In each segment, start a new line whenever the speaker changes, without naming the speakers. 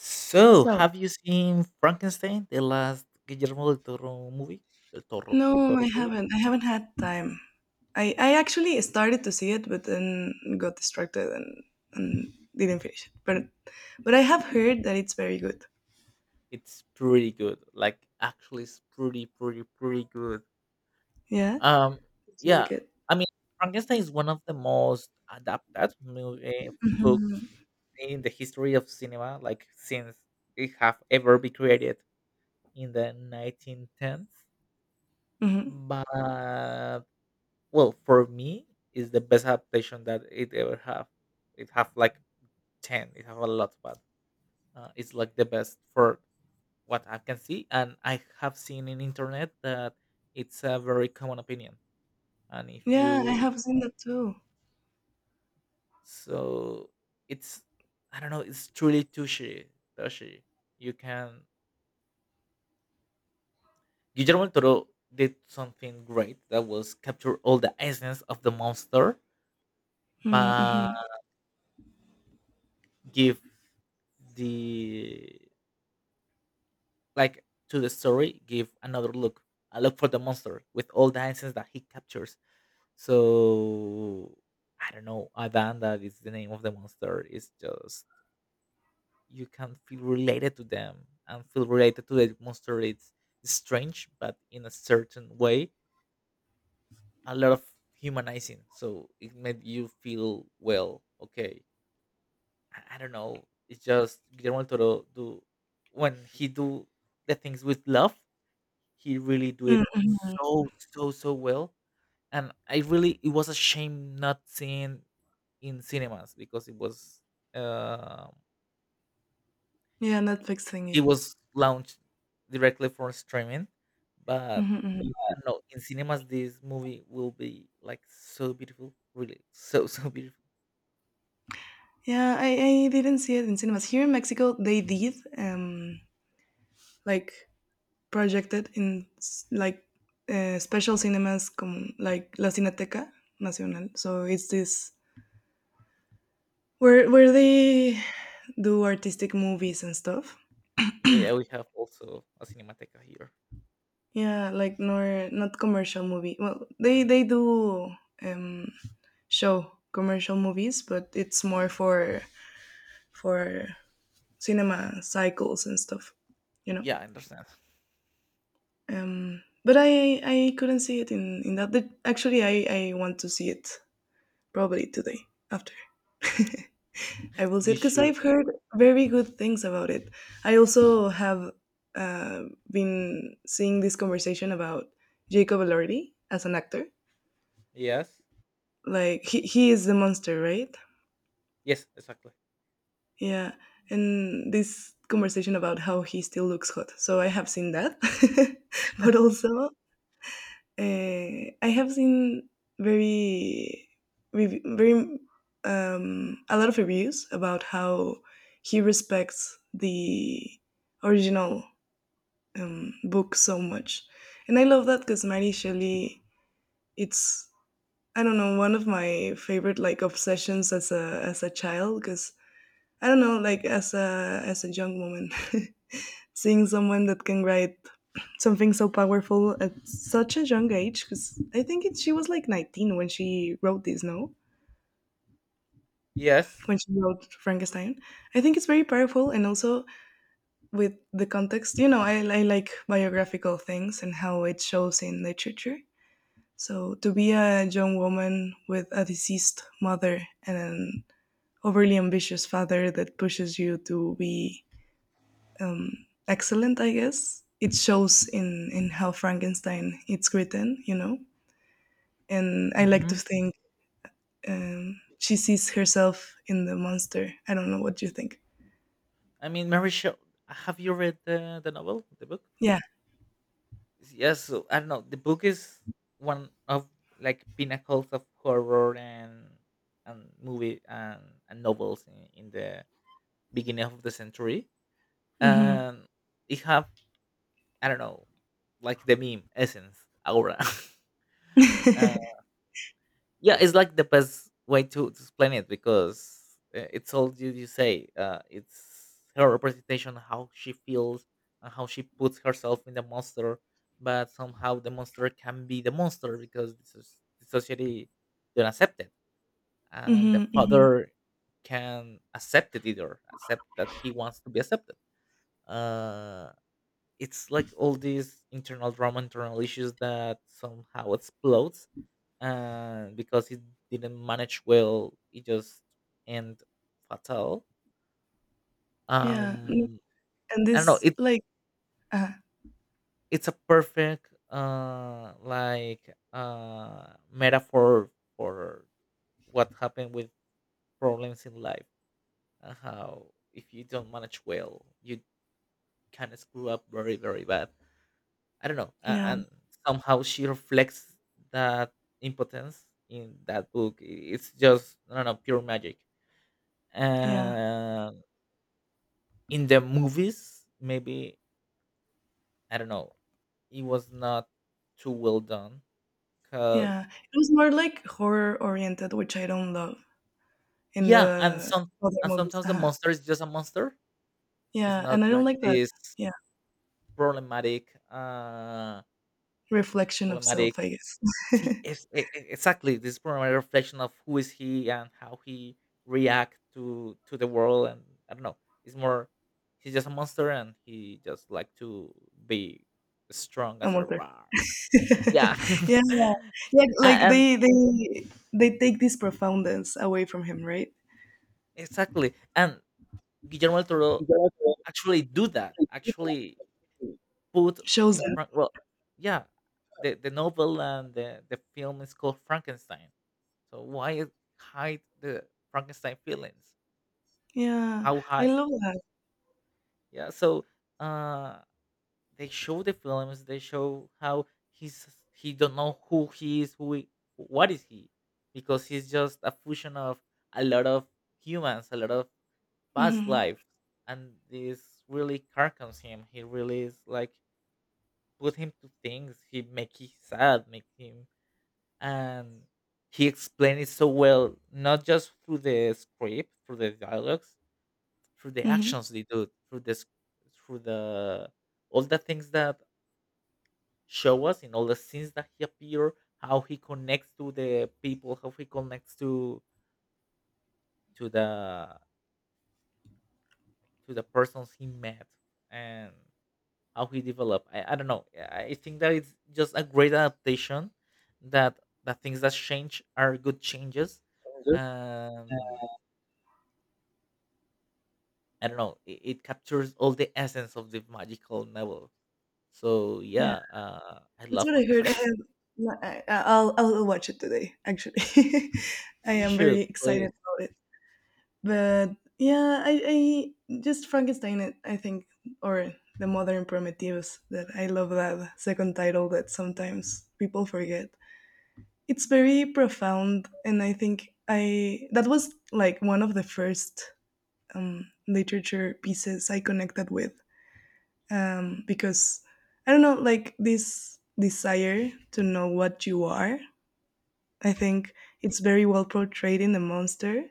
So,
So,
have you seen Frankenstein, the last Guillermo del Toro movie? Del
no,
Toro
I
movie.
haven't. I haven't had time. I actually started to see it, but then got distracted and didn't finish it. But I have heard that it's very good.
It's pretty good. Like, actually, it's pretty, pretty, pretty good.
Yeah,
Um,
did you
yeah.
like it?
I mean, Frankenstein is one of the most adapted movie, books in the history of cinema. Like, since it have ever been created in the 1910s.
Hmm.
But well, for me, is the best adaptation that it ever have. It have like 10. It has a lot, but it's like the best for what I can see. And I have seen in internet that it's a very common opinion. And if
Yeah, I
you
have seen that too.
so it's I don't know, it's truly touchy, touchy. You can Guillermo del Toro did something great that was capture all the essence of the monster, but
Mm-hmm.
give the like to the story, give another look. A look for the monster with all the essence that he captures. So I don't know, Adanda is the name of the monster. It's just you can feel related to them and feel related to the monster. It's strange, but in a certain way, a lot of humanizing. So it made you feel well, okay. I don't know. It's just Guillermo del Toro do when he do the things with love, he really do it
Mm.
so so so well, and I really it was a shame not seeing in cinemas because um
Yeah, Netflix
it
thingy.
was launched directly for streaming. But
Mm-hmm. Hmm.
I don't know in cinemas this movie will be like so beautiful, really so so beautiful.
Yeah, I didn't see it in cinemas here in Mexico. They did like projected in like special cinemas like La Cineteca Nacional. So it's this where
Yeah,
they do artistic movies and stuff.
yeah, yeah, we have also a cinemateca here.
Yeah, like nor not commercial movie. Well, they do um show commercial movies, but it's more for for cinema cycles and stuff, you know.
Yeah, I understand.
But I couldn't see it in that. But actually, I want to see it probably today after. I will see it
You
because
should.
I've heard very good things about it. I also have uh, been seeing this conversation about Jacob Elordi as an actor.
Yes.
Like he is the monster, right?
Yes, exactly.
Yeah, and this conversation about how he still looks hot. So I have seen that, but also I have seen very rev- very a lot of reviews about how he respects the original book so much. And I love that because Mary Shelley, it's I don't know, one of my favorite like obsessions as a child, because I don't know, like, as a young woman, seeing someone that can write something so powerful at such a young age, because I think she was like 19 when she wrote this, no?
Yes.
When she wrote Frankenstein, I think it's very powerful, and also with the context, I like biographical things and how it shows in literature. So to be a young woman with a deceased mother and an overly ambitious father that pushes you to be um, excellent, I guess. It shows in how Frankenstein it's written. And I like
Mm-hmm.
to think she sees herself in the monster. I don't know what you think.
I mean, Mary Shelley. Have you read the novel, the book?
Yeah.
Yes, so I don't know, the book is one of like pinnacles of horror and movie, and novels in the beginning of the century,
Mhm.
and it have, I don't know, like the meme essence aura. uh, yeah, it's like the best way to explain it, because it's all you, you say, it's her representation how she feels and how she puts herself in the monster, but somehow the monster can be the monster because this is, the society don't accept it, and the
Mhm. Mhm.
father can accept it either accept that he wants to be accepted. uh, it's like all these internal drama internal issues that somehow explodes because it didn't manage well. It just end fatal.
Yeah. Mm.
Um,
And
I don't know.
this, like, uh,
It's a perfect like metaphor for what happened with problems in life, and how if you don't manage well, you kind of screw up very very bad. I don't know.
yeah,
And somehow she reflects that impotence in that book. I- It's just I don't know pure
yeah,
magic. In the movies maybe I don't know it was not too well done because
yeah. It was more like horror oriented, which I don't love in
yeah and
the
some
other
and
movies.
sometimes the
Uh-huh.
monster is just a monster, it's
Yeah, and
not
I don't
like
like that.
this
Yeah,
problematic
reflection of
problematic
self, I guess.
see it's, e- e- exactly this problematic reflection of who is he and how he react to the world, and I don't know it's more he's just a monster and he just like to be strong
A
as a
monster.
roar. Yeah.
Yeah, yeah,
A-
like
and,
they take this profoundness away from him, right?
exactly, and Guillermo del Toro actually do that, actually put
Shows
in
them.
front well, yeah, the novel and the film is called Frankenstein. So why hide the Frankenstein feelings?
Yeah,
How
I
high?
love that.
Yeah. So uh, they show the films. They show how he's he don't know who he is, who he, what is he, because he's just a fusion of a lot of humans, a lot of past
Hmm.
life and this really carcons him, he really is like put him to things he make him sad make him and he explained it so well, not just through the script through the dialogues through the
Hmm.
actions they do through this through the all the things that show us in all the scenes that he appear how he connects to the people how he connects to the to the persons he met and how he developed. I don't know. I think that it's just a great adaptation that that things that change are good changes. Um, I don't know. It captures all the essence of the magical novel. So
Yeah,
yeah, I
that's
love
what I heard. I
Frankenstein.
have. I'll watch it today. Actually, I
You
am very
should
excited
please.
about it. But yeah, I just Frankenstein, I think, or the modern primitives, that I love that second title that sometimes people forget. It's very profound. And I think I that was like one of the first literature pieces I connected with because I don't know, like, this desire to know what you are, I think, it's very well portrayed in the monster,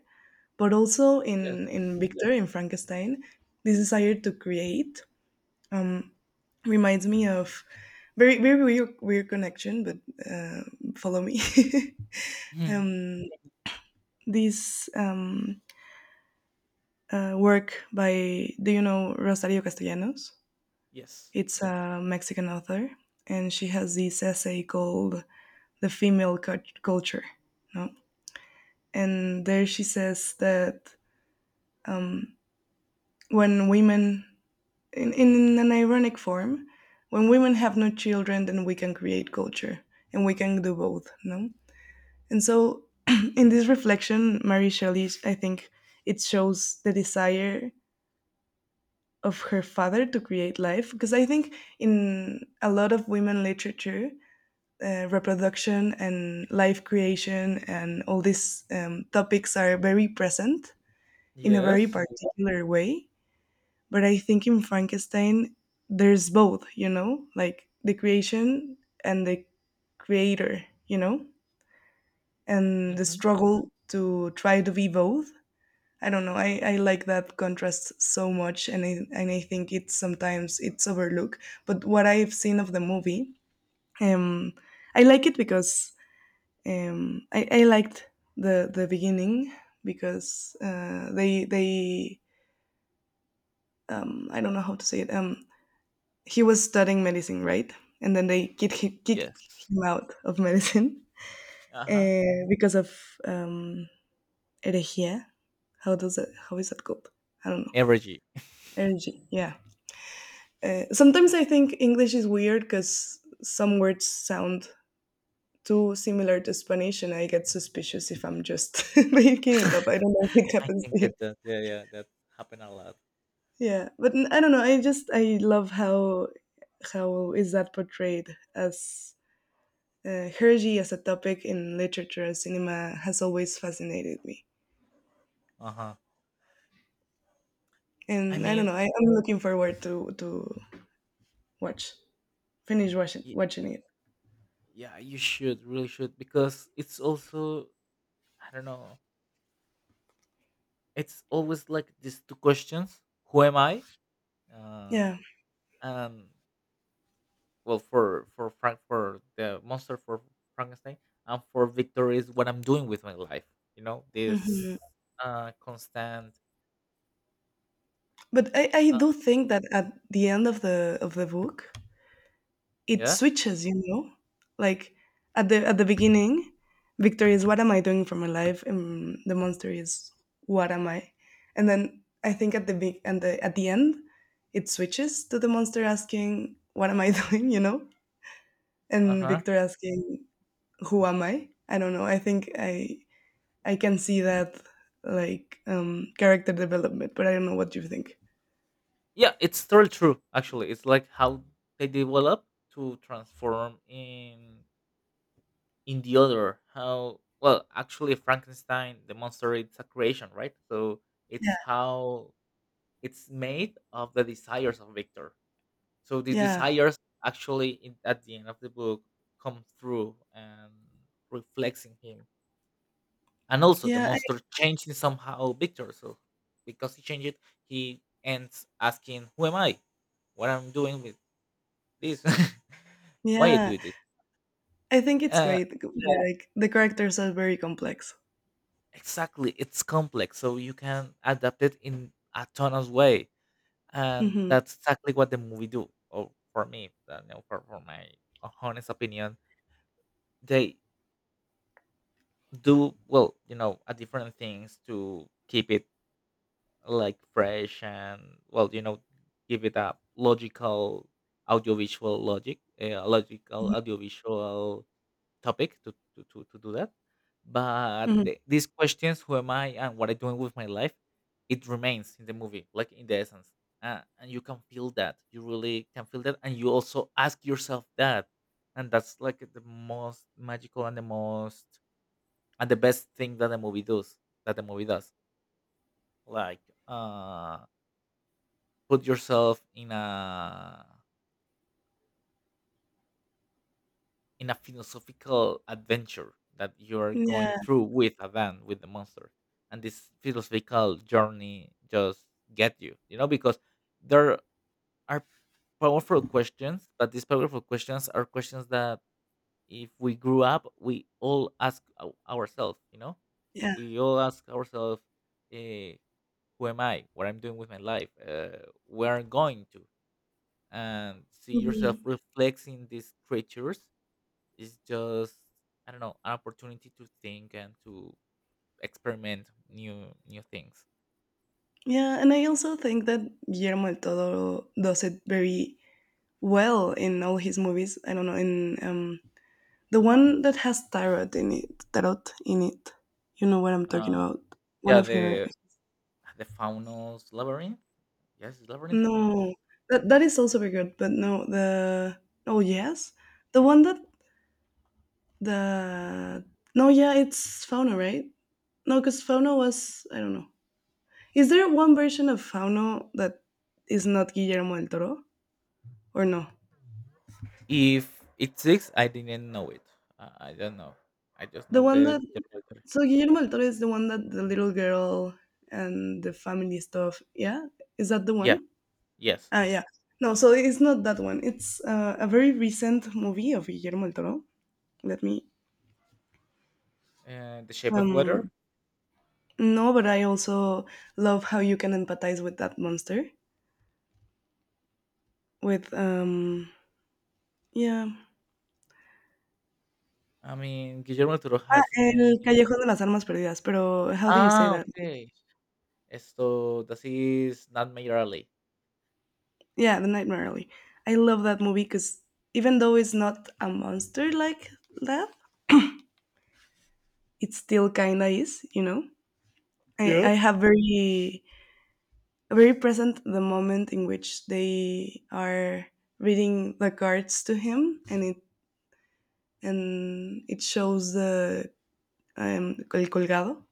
but also in
Yes.
Victor in Frankenstein, this desire to create um, reminds me of very, very weird connection, but uh, follow me.
Mhm.
um, this work by, do you know Rosario Castellanos?
Yes.
It's a Mexican author, and she has this essay called "The Female Culture," no? And there she says that um, when women, in an ironic form, when women have no children, then we can create culture and we can do both, no? And so, in this reflection, Mary Shelley, I think it shows the desire of her father to create life, because I think in a lot of women literature, reproduction and life creation and all these topics are very present in a very
Yes.
particular way. But I think in Frankenstein there's both, like the creation and the creator, and the
Hmm.
struggle to try to be both. I don't know, I like that contrast so much, and I think it's sometimes it's overlooked. But what I've seen of the movie, um I like it because I liked the beginning, because they I don't know how to say it. He was studying medicine, right? And then they kicked
Yes.
him out of medicine
Uh huh.
because of um, herejía. How does that? How is that called? I don't know.
Energy.
Energy. Yeah. Sometimes I think English is weird because some words sound too similar to Spanish, and I get suspicious if I'm just making it up. I don't know if it
I
happens
can
to you.
get that. Yeah, yeah. That happened a lot.
Yeah, but I don't know. I love how is that portrayed as. Hergy as a topic in literature and cinema has always fascinated me,
Uh huh. I
and I don't
mean,
know. I'm looking forward to watch finish watching
y-
watching it.
yeah you should really should because it's also I don't know it's always like these two questions who am I uh
Yeah.
and well for frank for the monster for frankenstein and for victor is what I'm doing with my life, you know
Hmm.
this constant
But I
uh,
do think that at the end of the book, it
yeah
switches. Like at the beginning, Victor is what am I doing for my life, and the monster is what am I, and then I think at the end, it switches to the monster asking what am I doing. And
uh-huh
Victor asking, "Who am I?" I don't know. I think I can see that, like, character development, but I don't know what you think.
yeah it's totally true actually it's like how they develop to transform in the other how well actually frankenstein the monster it's a creation right so it's
Yeah,
how it's made of the desires of victor so the
yeah,
desires actually in, at the end of the book come through and reflects in him and also the
yeah,
monster changing somehow victor so because he changed it he ends asking who am I what I'm doing with this. Why I
yeah.
do this.
I think it's
Uh,
great. Yeah. Like the characters are very complex.
exactly it's complex so you can adapt it in a ton of way, and
Hmm.
that's exactly what the movie do or for me, you know, for my honest opinion they do well you know a different things to keep it like fresh and well you know give it a logical audiovisual logic a logical audiovisual topic to do that. But
Hmm.
the, these questions, who am I and what I'm doing with my life, it remains in the movie, like in the essence. And you can feel that. You really can feel that. And you also ask yourself that. And that's like the most magical and the most and the best thing that the movie does. That the movie does. Like uh put yourself in a philosophical adventure that you're going
Yeah,
through with a van, with the monster, and this philosophical journey just get you you know because there are powerful questions but these powerful questions are questions that if we grew up we all ask ourselves, you know,
yeah,
we all ask ourselves, uh, who am I what I'm doing with my life, where I'm going to and see yourself
hmm,
reflecting these creatures, it's just I don't know an opportunity to think and to experiment new things.
yeah. And I also think that Guillermo del Toro does it very well in all his movies. I don't know in the one that has tarot in it. You know what I'm talking
Uh,
about. One
yeah,
of her.
the Faunos Labyrinth. Yes, it's Labyrinth. I don't know how.
No, that is also very good. But no, the, oh yes, the one that, the, no, yeah, it's Fauna, right? No, because Fauna was, I don't know. Is there one version of Fauna that is not Guillermo del Toro or no?
If it six, I didn't know it. I don't know. I just
The
know
one
the
that so Guillermo del Toro is the one that the little girl and the family stuff. Yeah, is that the
Yeah.
one?
Yes.
Ah, yeah. No, so it's not that one. It's a very recent movie of Guillermo del Toro. Let me.
The Shape of Water.
Um, no, but I also love how you can empathize with that monster. With yeah.
I mean, Guillermo del Toro
Ah,
has
El
made.
Callejón de las Almas Perdidas. Pero how do you say
Ah,
that?
okay. Esto, this is not Mayor Alley.
Yeah, The Nightmare Alley. I love that movie because even though it's not a monster like that, it still kinda is. You know, I
Yeah.
I have very, very present the moment in which they are reading the cards to him, and it shows the el colgado.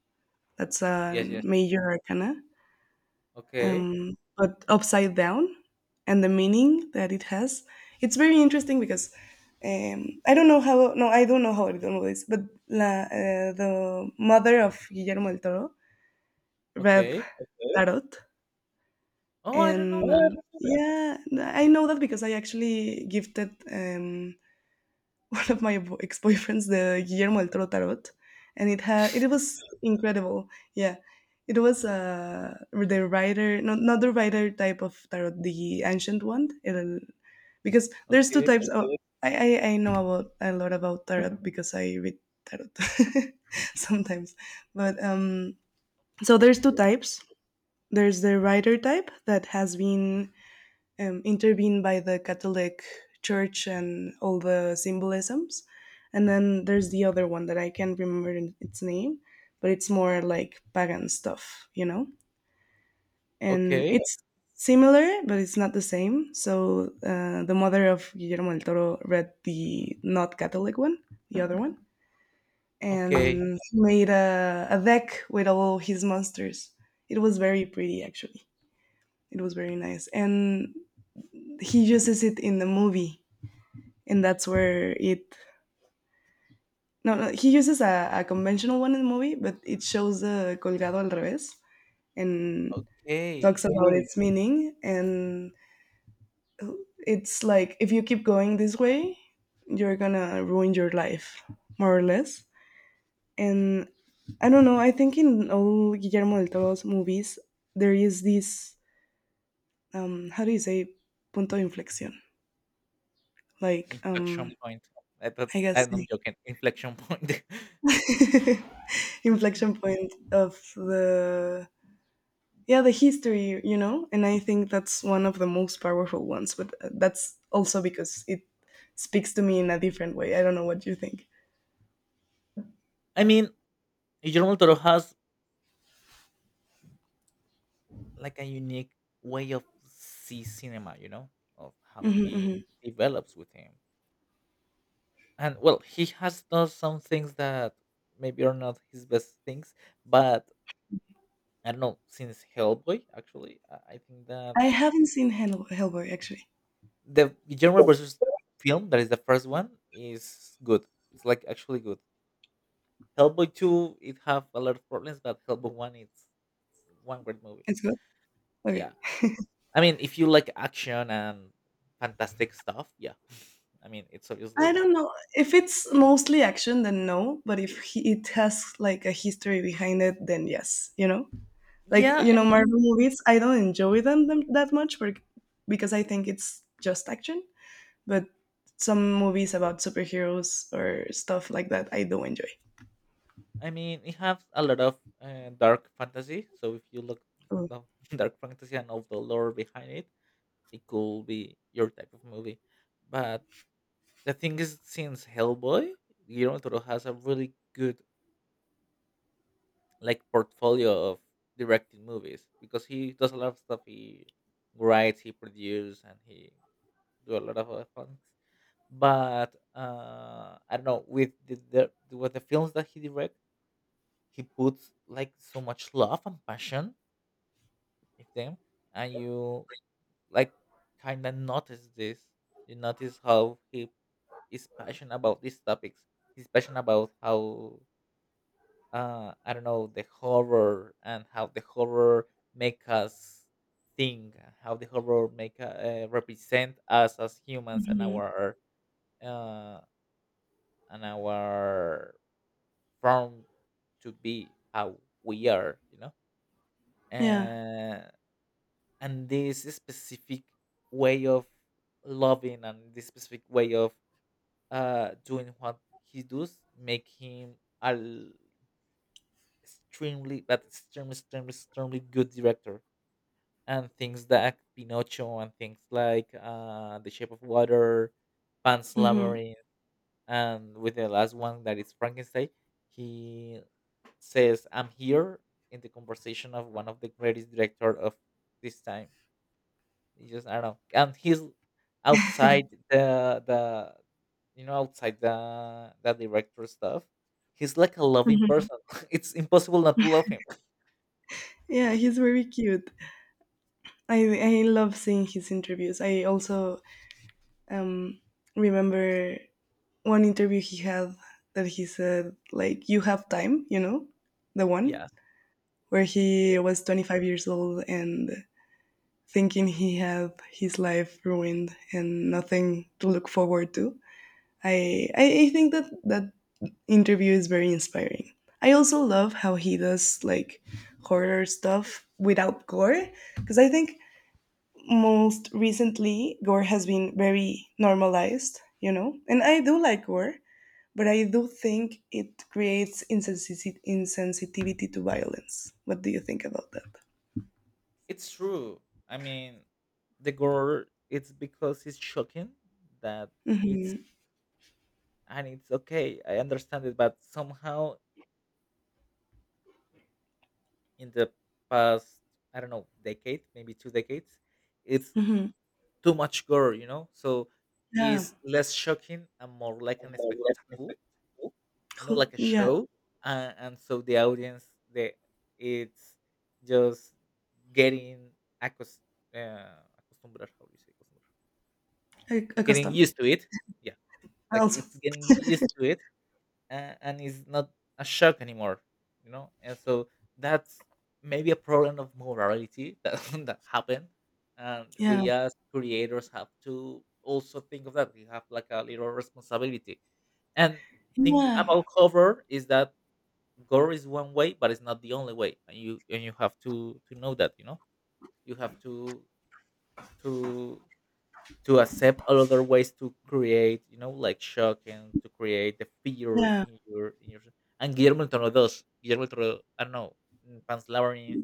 That's a
Yes, yes.
major arcana,
Okay,
but upside down, and the meaning that it has. It's very interesting because I don't know how. No, I don't know this, but the mother of Guillermo del Toro read
okay.
tarot. Oh,
Oh, I don't
and
know that.
yeah. Yeah, I know that because I actually gifted one of my ex-boyfriends the Guillermo del Toro Tarot, and it was incredible. Yeah, it was the writer, not the writer type of tarot, the ancient one. Because there's two
Okay.
types. Okay. I know about a lot about tarot because I read tarot sometimes, but so there's two types. There's the writer type that has been intervened by the Catholic Church and all the symbolisms. And then there's the other one that I can't remember its name, but it's more like pagan stuff, you know? And
Okay,
it's similar, but it's not the same. So the mother of Guillermo del Toro read the not Catholic one, the other one,
okay,
and made a deck with all his monsters. It was very pretty, actually. It was very nice. And he uses it in the movie and that's where it. No, no, he uses a conventional one in the movie, but it shows the colgado al revés and talks
okay.
about its meaning. And it's like if you keep going this way, you're gonna ruin your life, more or less. And I don't know. I think in all Guillermo del Toro's movies, there is this how do you say punto de inflexión? Like
Inflection
um,
point. I thought
I guess
and I'm joking. Inflection point.
inflection point of the yeah the history and I think that's one of the most powerful ones, but that's also because it speaks to me in a different way. I don't know what you think.
I mean, Guillermo del Toro has like a unique way of see cinema, you know, of how he develops with him. And well, he has done some things that maybe are not his best things, but I don't know. Since Hellboy, actually, I think that
I haven't seen hellboy actually.
the Guillermo versus film that is the first one is good. It's like actually good. Hellboy two it have a lot of problems, but Hellboy one it's one great movie.
It's good. Okay.
Yeah, I mean if you like action and fantastic stuff, yeah. I mean it's
I
obviously
don't know. If it's mostly action, then no, but if he, it has like a history behind it, then yes, like
yeah. I think
marvel movies, I don't enjoy them that much, but because I think it's just action, but some movies about superheroes or stuff like that I do enjoy.
I mean it has a lot of dark fantasy. So if you look
Oh.
the dark fantasy and all the lore behind it, it could be your type of movie. But the thing is, since Hellboy, Guillermo del Toro has a really good like portfolio of directing movies because he does a lot of stuff. He writes, he produces, and he do a lot of other things. But I don't know with the- with the films that he directs. He puts like so much love and passion in them, and you like kind of notice this. You notice how he is passionate about these topics. He's passionate about how I don't know, the horror and how the horror make us think, and how the horror make represent us as humans
Mhm.
uh, and our form to be how we are,
Yeah.
uh, and this specific way of loving and this specific way of doing what he does make him a l- extremely, but extremely extremely good director. And things like Pinocchio and things like The Shape of Water, Pan's
Mhm.
Labyrinth, and with the last one that is Frankenstein, he says, "I'm here in the conversation of one of the greatest director of this time." He just I don't know, and he's outside the you know, outside the director stuff. He's like a loving
Mhm.
person. It's impossible not to love him.
Yeah, he's very cute. I I love seeing his interviews. I also um remember one interview he had that he said like you have time, you know? The one
Yes.
where he was 25 years old and thinking he had his life ruined and nothing to look forward to. I think that that interview is very inspiring. I also love how he does like horror stuff without gore because I think most recently gore has been very normalized, And I do like gore, but I do think it creates insensitivity to violence. What do you think about that?
It's true. I mean, the gore, it's because it's shocking that it's
Hmm.
it's okay. I understand it, but somehow in the past, I don't know, decade, maybe two decades, it's
Hmm.
too much gore. You know, so
Yeah.
it's less shocking and more like an spectacle, you know, like a
Yeah.
show. And so the audience, they it's just getting accus- acostumbrar. How do you say acostumbrar?
a-
Getting
Accustomed.
used to it. Like
Also.
it's getting used to it, and it's not a shock anymore, you know. And so that's maybe a problem of morality that, that happened, and
Yeah.
we as creators have to also think of that. We have like a little responsibility, and thing
Yeah.
about horror is that gore is one way, but it's not the only way. And you have to know that, you have to to to accept all other ways to create, you know, like shock and to create the fear
Yeah.
in your and Guillermo del Toro does. Guillermo del Toro, I don't know, in Pan's Labyrinth,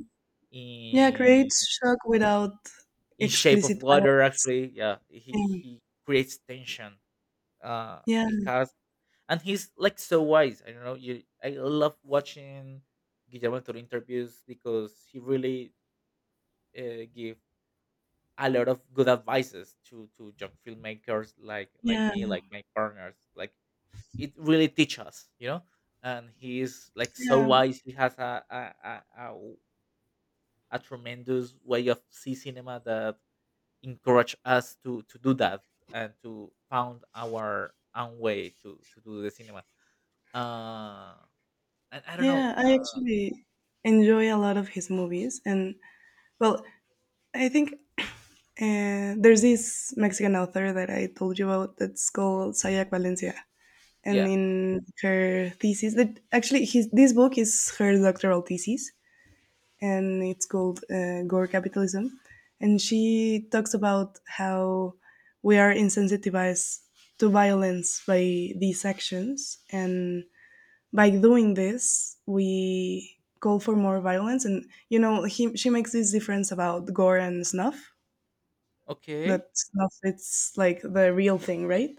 Yeah,
in
creates shock without
in Shape of
explicit
Water,
violence.
actually, yeah. He
Mm.
he creates tension.
Yeah,
He has, and he's like so wise. I don't know, you I love watching Guillermo del Toro interviews because he really give a lot of good advices to young filmmakers, like
yeah,
me, like my partners. Like, it really teach us, you know. And he is like so
yeah,
wise. He has a tremendous way of see cinema that encourage us to do that and to found our own way to do the cinema. Uh, and I don't know.
yeah, I actually enjoy a lot of his movies, and well, I think there's this Mexican author that I told you about that's called Sayak Valencia, and
Yeah.
in her thesis, that actually his this book is her doctoral thesis, and it's called Gore Capitalism. And she talks about how we are insensitivized to violence by these actions. And by doing this, we call for more violence. And, you know, she makes this difference about gore and snuff,
Okay.
that snuff, it's like the real thing, right?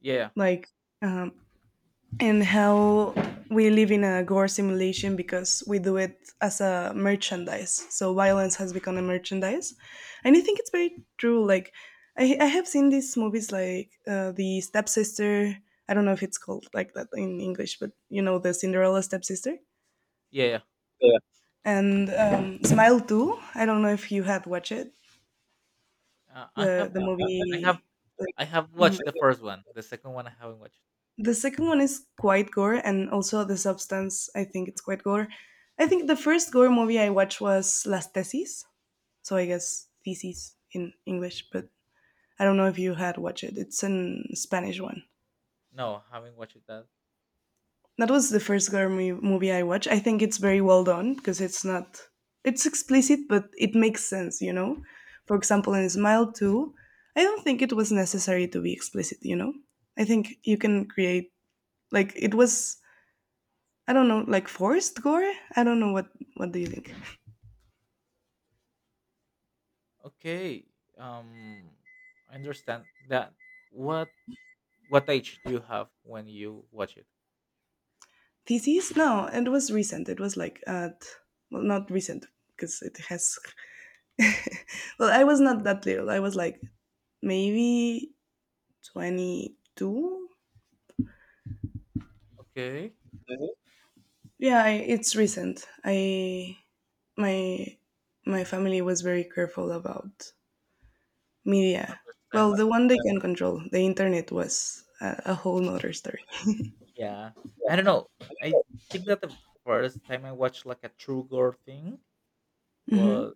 Yeah.
Like, um, and how we live in a gore simulation because we do it as a merchandise. So violence has become a merchandise, and I think it's very true. Like I have seen these movies like the stepsister. I don't know if it's called like that in English, but you know the Cinderella stepsister.
Yeah.
Yeah. And Smile Too. I don't know if you had watched it,
Uh, I
the
have
the
I have
movie.
I have watched the first one. The second one I haven't watched.
The second one is quite gore, and also the substance. I think it's quite gore. I think the first gore movie I watched was Las Tesis, so I guess thesis in English, but I don't know if you had watched it. It's a Spanish one.
No, haven't watched that.
That was the first gore movie I watched. I think it's very well done because it's not, it's explicit, but it makes sense, you know. For example, in Smile Two, I don't think it was necessary to be explicit, you know. I think you can create, like it was, I don't know, like forced gore. I don't know what. What do you think?
Okay. Um I understand that. What what age do you have when you watch it?
Theses? No, it was recent. It was like at, well, not recent because it has. Well, I was not that little. I was like maybe 22.
Okay.
Mhm. Yeah, I, it's recent. I my my family was very careful about media. Well,
Understand.
the one they can control, the internet was a whole nother story.
Yeah. I don't know. I think that the first time I watched like a true gore thing
Hmm.
was,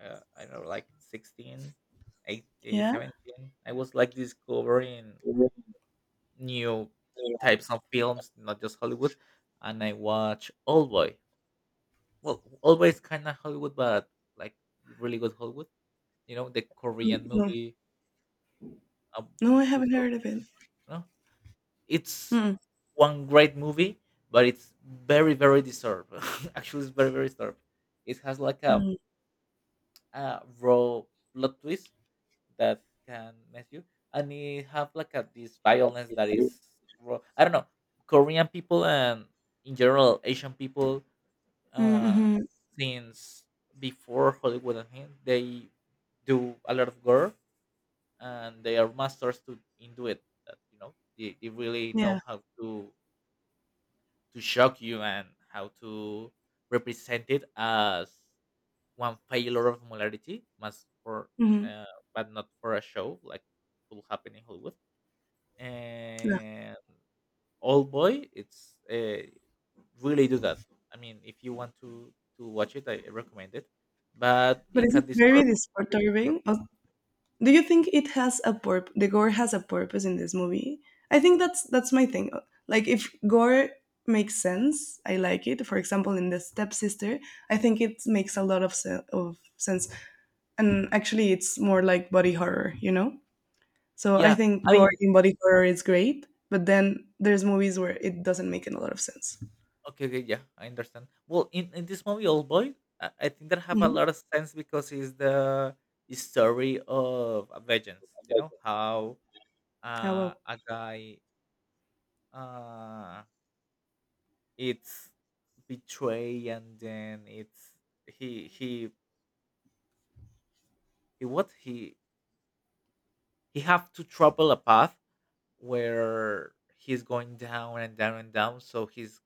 I don't know, like 16, 18,
Yeah.
17. I was like discovering new types of films, not just Hollywood, and I watched Old Boy. Well, always kinda Hollywood, but, like, really good Hollywood. You know, the Korean
No,
movie of
no, I haven't heard of
2002,
it.
no? It's
Mm-mm.
one great movie, but it's very, very disturbed. Actually, it's very, very disturbed. It has, like,
Mm.
a raw plot twist that can mess you, and it have, like, a this violence that is raw. I don't know, Korean people and, in general, Asian people
Mm,
uh,
mhm.
since before Hollywood and him, they do a lot of gore, and they are masters to in do it. That, you know, they really
Yeah.
know how to shock you and how to represent it as one failure of molarity, must for
Mhm.
uh, but not for a show like could happen in Hollywood.
Yeah.
And old boy, it's, really do that. I mean, if you want to watch it, I recommend it, but
But
it
is
can
it very
disturb, it can be disturb.
disturbing? Or do you think it has a purpose? The gore has a purpose in this movie. I think that's my thing. Like if gore makes sense, I like it. For example, in the stepsister, I think it makes a lot of sense. And actually, it's more like body horror, you know. So I
Yeah.
think
I
gore
mean,
in body horror is great, but then there's movies where it doesn't make a lot of sense.
okay, okay, yeah, I understand. Well, in this movie old boy, I think that have a
Hmm.
lot of sense because it's the story of a vengeance, you know, how
Oh well,
a guy uh it's betray, and then it's he he he what he have to trouble a path where he's going down and down and down, so he's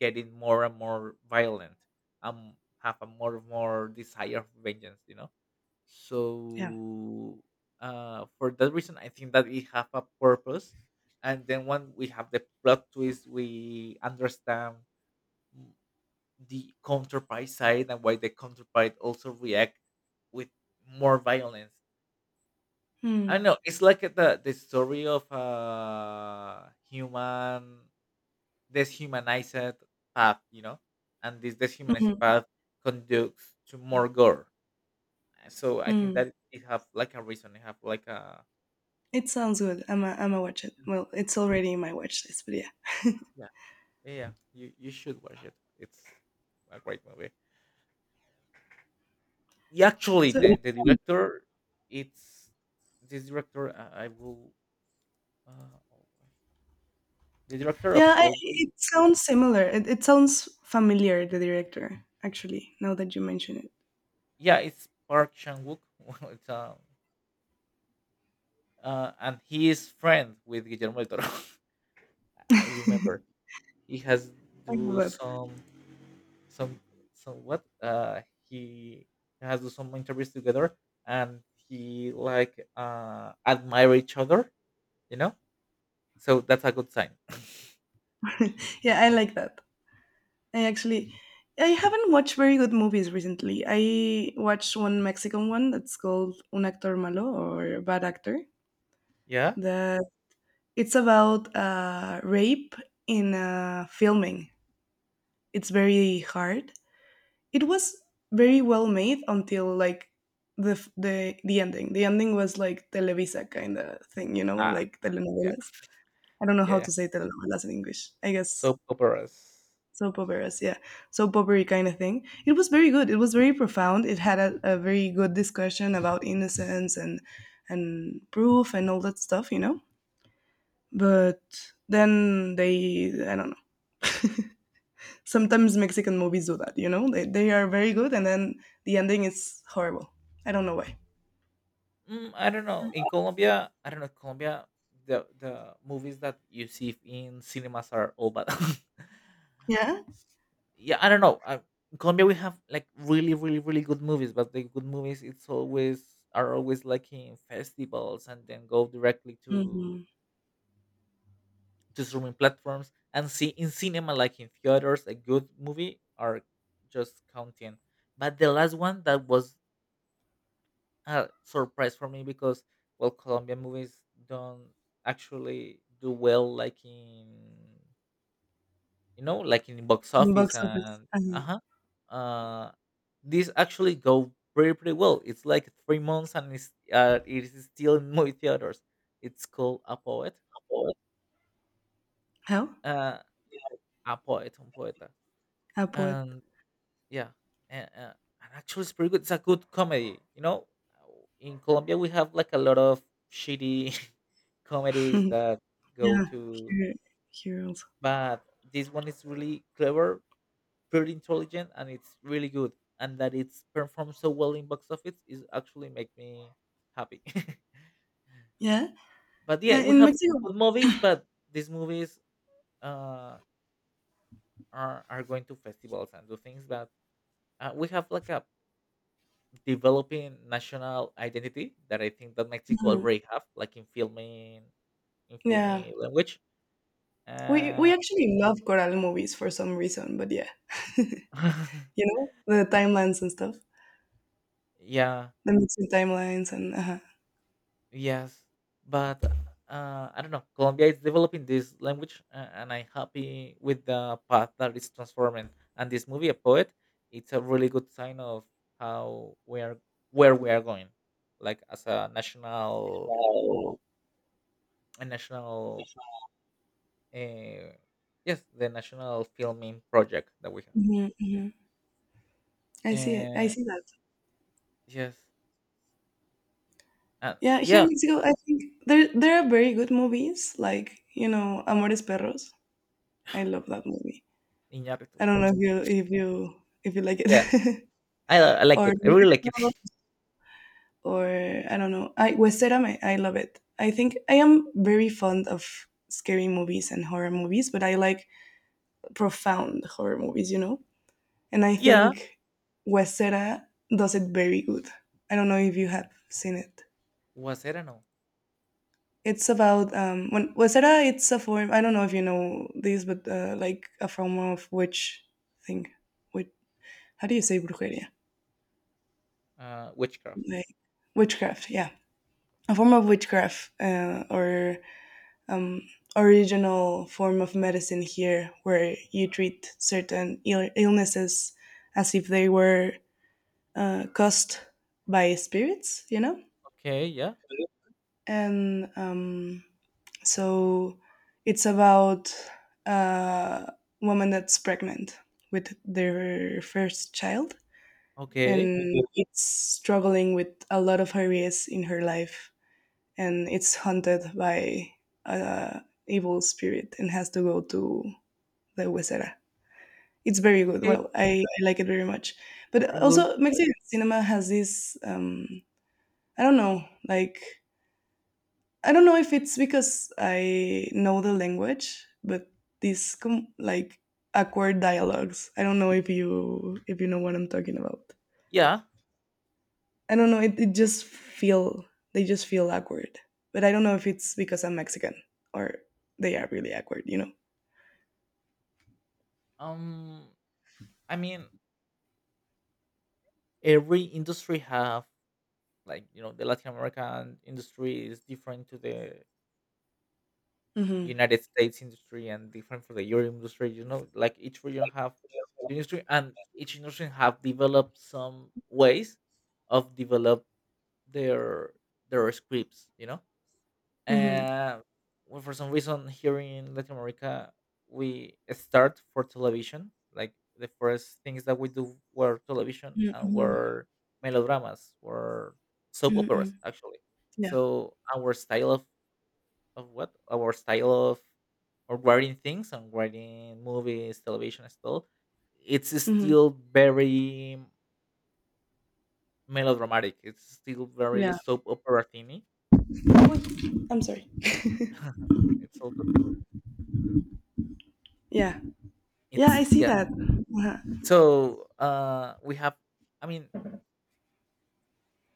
getting more and more violent. Um, have a more and more desire of vengeance, you know.
yeah.
So, for that reason, I think that it have a purpose. And then when we have the plot twist, we understand the counterpart side and why the counterpart also react with more violence. I
Hmm.
don't know. It's like the story of a human deshumanized path, you know, and this deshumanized
Mhm.
path conducts to more gore. So I think
Hmm.
that it have like a reason. It have like a
It sounds good. I am a. am a watch it. Well, it's already in my watch list, but yeah.
yeah, yeah. Yeah, you should watch it. It's a great movie. Yeah, actually,
So
the director, it's this director. I will uh, the director
yeah,
of
I,
Oldboy.
it sounds similar. It sounds familiar, the director, actually, now that you mention it.
Yeah, it's Park Chan Wook. Well, it's and he is friend with Guillermo del Toro. I remember he has
I the
do
web.
some some what? He has do some interviews together, and he like admire each other, you know, so that's a good sign.
Yeah, I like that. I actually, I haven't watched very good movies recently. I watched one Mexican one that's called Un Actor Malo or Bad Actor.
Yeah.
That it's about rape in filming. It's very hard, it was very well made until like the ending. The ending was like Televisa kind of thing, you know,
Ah,
like
yeah,
telenovelas. I don't know
yeah,
how
yeah,
to say telenovelas in English. I guess
soap operas.
soap operas, yeah, soap opera kind of thing. It was very good. It was very profound. It had a very good discussion about innocence and proof and all that stuff, you know. But then they, I don't know. Sometimes Mexican movies do that, you know. They are very good, and then the ending is horrible. I don't know why.
Mm, I don't know. In Colombia, I don't know, Colombia, the movies that you see in cinemas are all bad.
Yeah?
Yeah, I don't know. In Colombia, we have like really really really good movies, but the good movies, it's always are always like in festivals and then go directly to
Mhm.
streaming platforms, and see in cinema, like in theaters, a good movie are just counting. But the last one that was a surprise for me, because well, colombian movies don't actually do well, like in, you know, like in box
Box
office
office.
and
Uh-huh.
uh-huh. Uh these actually go pretty pretty well. It's like 3 months and it is still in movie theaters. It's called A Poet.
How?
Uh A Poet, un Poeta.
Airport.
And yeah. And, uh, and actually it's pretty good. It's a good comedy, you know. In Colombia, we have like a lot of shitty comedies that go
Yeah,
to,
here, here also.
but this one is really clever, pretty intelligent, and it's really good, and that it's performed so well in box office is actually make me happy.
Yeah,
But yeah, we
in
have
Mexico.
good movies, but these movies uh are going to festivals and do things that, we have like a developing national identity that I think that mexico
Mhm.
already have, like in filming, in
Yeah,
filming language,
we
uh,
actually love Coral movies for some reason, but yeah, you know the timelines and stuff,
yeah.
the Mexican timelines and uh.
Yes, but, I don't know. Colombia is developing this language, and I'm happy with the path that is transforming. And this movie, a poet, it's a really good sign of how we are, where we are going, like as
No.
a national, uh, yes, the national filming project that we have.
Hmm, hmm. I see it. I
Uh,
see that.
yes, and
Yeah, here
yeah,
in Mexico, I think there are very good movies like you know Amores Perros. I love that movie.
Iñárritu.
I don't know if you, if you, if you like
Yeah,
it.
I like
or
it. I really like it.
or I don't know. I Westerdam, I love it. I think I am very fond of scary movies and horror movies, but I like profound horror movies, you know. And I
Yeah,
think Westera does it very good. I don't know if you have seen it.
was I don't know,
It's about when Westera. It's a form. I don't know if you know this, but like a form of witch thing. Witch. How do you say brujeria?
witchcraft.
Like witchcraft. Yeah, a form of witchcraft or um, original form of medicine here where you treat certain illnesses as if they were caused by spirits, you know?
Okay, yeah.
And so it's about a woman that's pregnant with their first child
Okay.
and it's struggling with a lot of areas in her life and it's haunted by a evil spirit and has to go to the Huesera. It's very good.
Okay.
Well, I like it very much.
I
But
will.
also, Mexican cinema has this I don't know, like, I don't know if it's because I know the language, but these like awkward dialogues. I don't know if you, if you know what I'm talking about.
Yeah.
I don't know. It just feel, they just feel awkward. But I don't know if it's because I'm Mexican or they are really awkward. You know.
Um. I mean, every industry have, like, you know, the Latin American industry is different to the United States industry, and different for the Euro industry. You know, like each region have
Mm-hmm.
the industry, and each industry have developed some ways of develop their their scripts. You know.
Mm-hmm.
Uh, well, for some reason, here in Latin America, we start for television. Like the first things that we do were television and
Mm-hmm.
were melodramas, were soap
Mm-hmm.
operas, actually.
Yeah.
So our style of what? Our style of writing things, and writing movies, television, and stuff, it's
Mm-hmm.
still very melodramatic. It's still very
Yeah.
soap opera thingy.
I'm sorry.
It's all good.
Yeah. Yeah. I
It's
see
yeah.
that. Uh-huh.
So we have, I mean,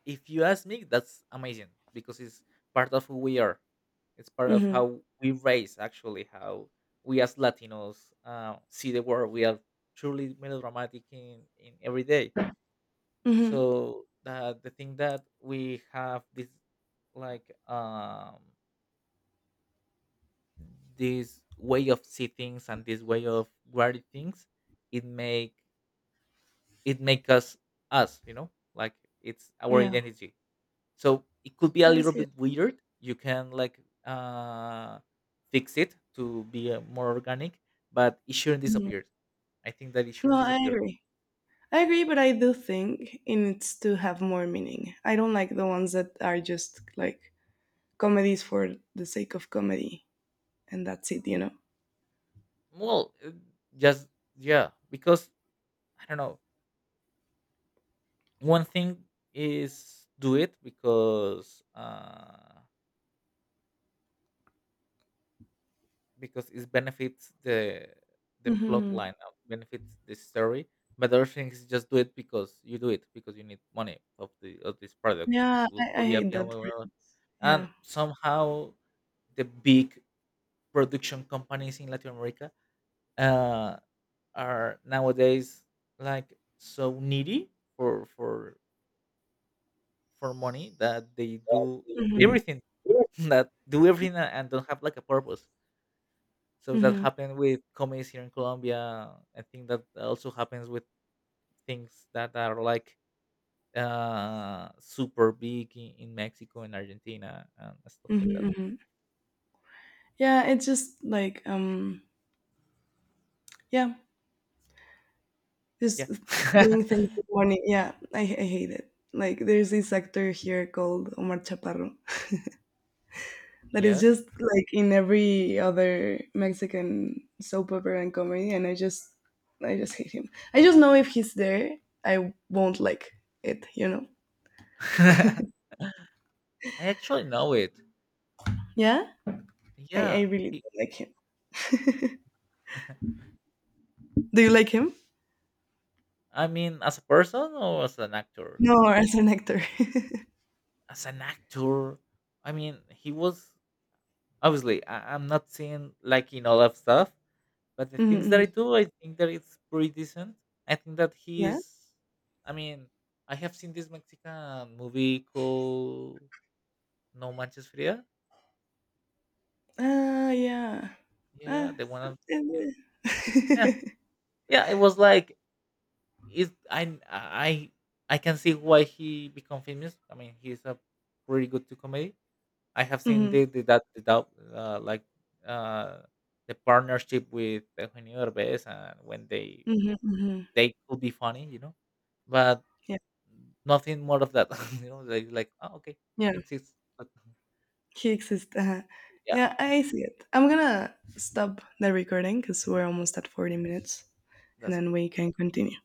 if you ask me, that's amazing because it's part of who we are. It's part of
Mm-hmm.
how we raise, actually, how we as latinos, see the world. We are truly melodramatic in every day.
Mm-hmm.
So the thing that we have this like this way of see things and this way of guarding things, it make it make us, you know, like, it's our
Yeah.
identity. So it could be a
Yeah. I
little
see
bit
it.
weird. You can like fix it to be, more organic, but it shouldn't
Hmm.
disappear. I think that it
No,
shouldn't
I
disappear.
agree. I agree, but I do think it needs to have more meaning. I don't like the ones that are just like comedies for the sake of comedy, and that's it. You know.
Well, just yeah, because I don't know, one thing is do it because it benefits the plot
Mm-hmm.
line, benefits the story, but other things, just do it because you do it because you need money of the of this product
Yeah,
will
I
be
hate that phrase.
available, and
Yeah.
somehow the big production companies in latin america, uh, are nowadays like so needy for for money that they do
Hmm,
everything. That do everything, and don't have like a purpose. So that
hmm,
happened with comedies here in Colombia. I think that also happens with things that are like super big in Mexico and Argentina, and stuff like that.
hmm, hmm. Yeah, it's just like yeah,
Yeah.
just doing things with money. Yeah, I hate it. Like there's this actor here called Omar Chaparro that is just
Yes.
like in every other Mexican soap opera and comedy, and I just hate him. I just know if he's there, I won't like it. You know?
I actually know it.
Yeah, I
Yeah.
really
He-
don't like him. Do you like him?
I mean, as a person or as an actor?
No, as an actor.
As an actor, I mean, he was obviously I, I'm not seeing like in all of stuff, but the
Mhm,
things that I
mhm.
do, I think that it's pretty decent. I think that he
Yeah?
is. I mean, I have seen this Mexican movie called No Manches Frida.
Ah, yeah.
Yeah, yeah,
Ah,
the one of- Yeah, yeah, yeah. It was like it. I can see why he become famous. I mean, he's a pretty good to comedy. I have seen
mhm,
the dub, uh, like uh, the partnership with Eugenio Derbez, and when
mhm, mhm.
they could be funny, you know. But
Yeah,
nothing more of that, you know, like, "Oh, okay,
yeah.
exists," but
He exists, uh-huh.
yeah,
Yeah, I see it. I'm gonna stop the recording because 'cause we're almost at 40 minutes, and
that's
then
okay.
we can continue.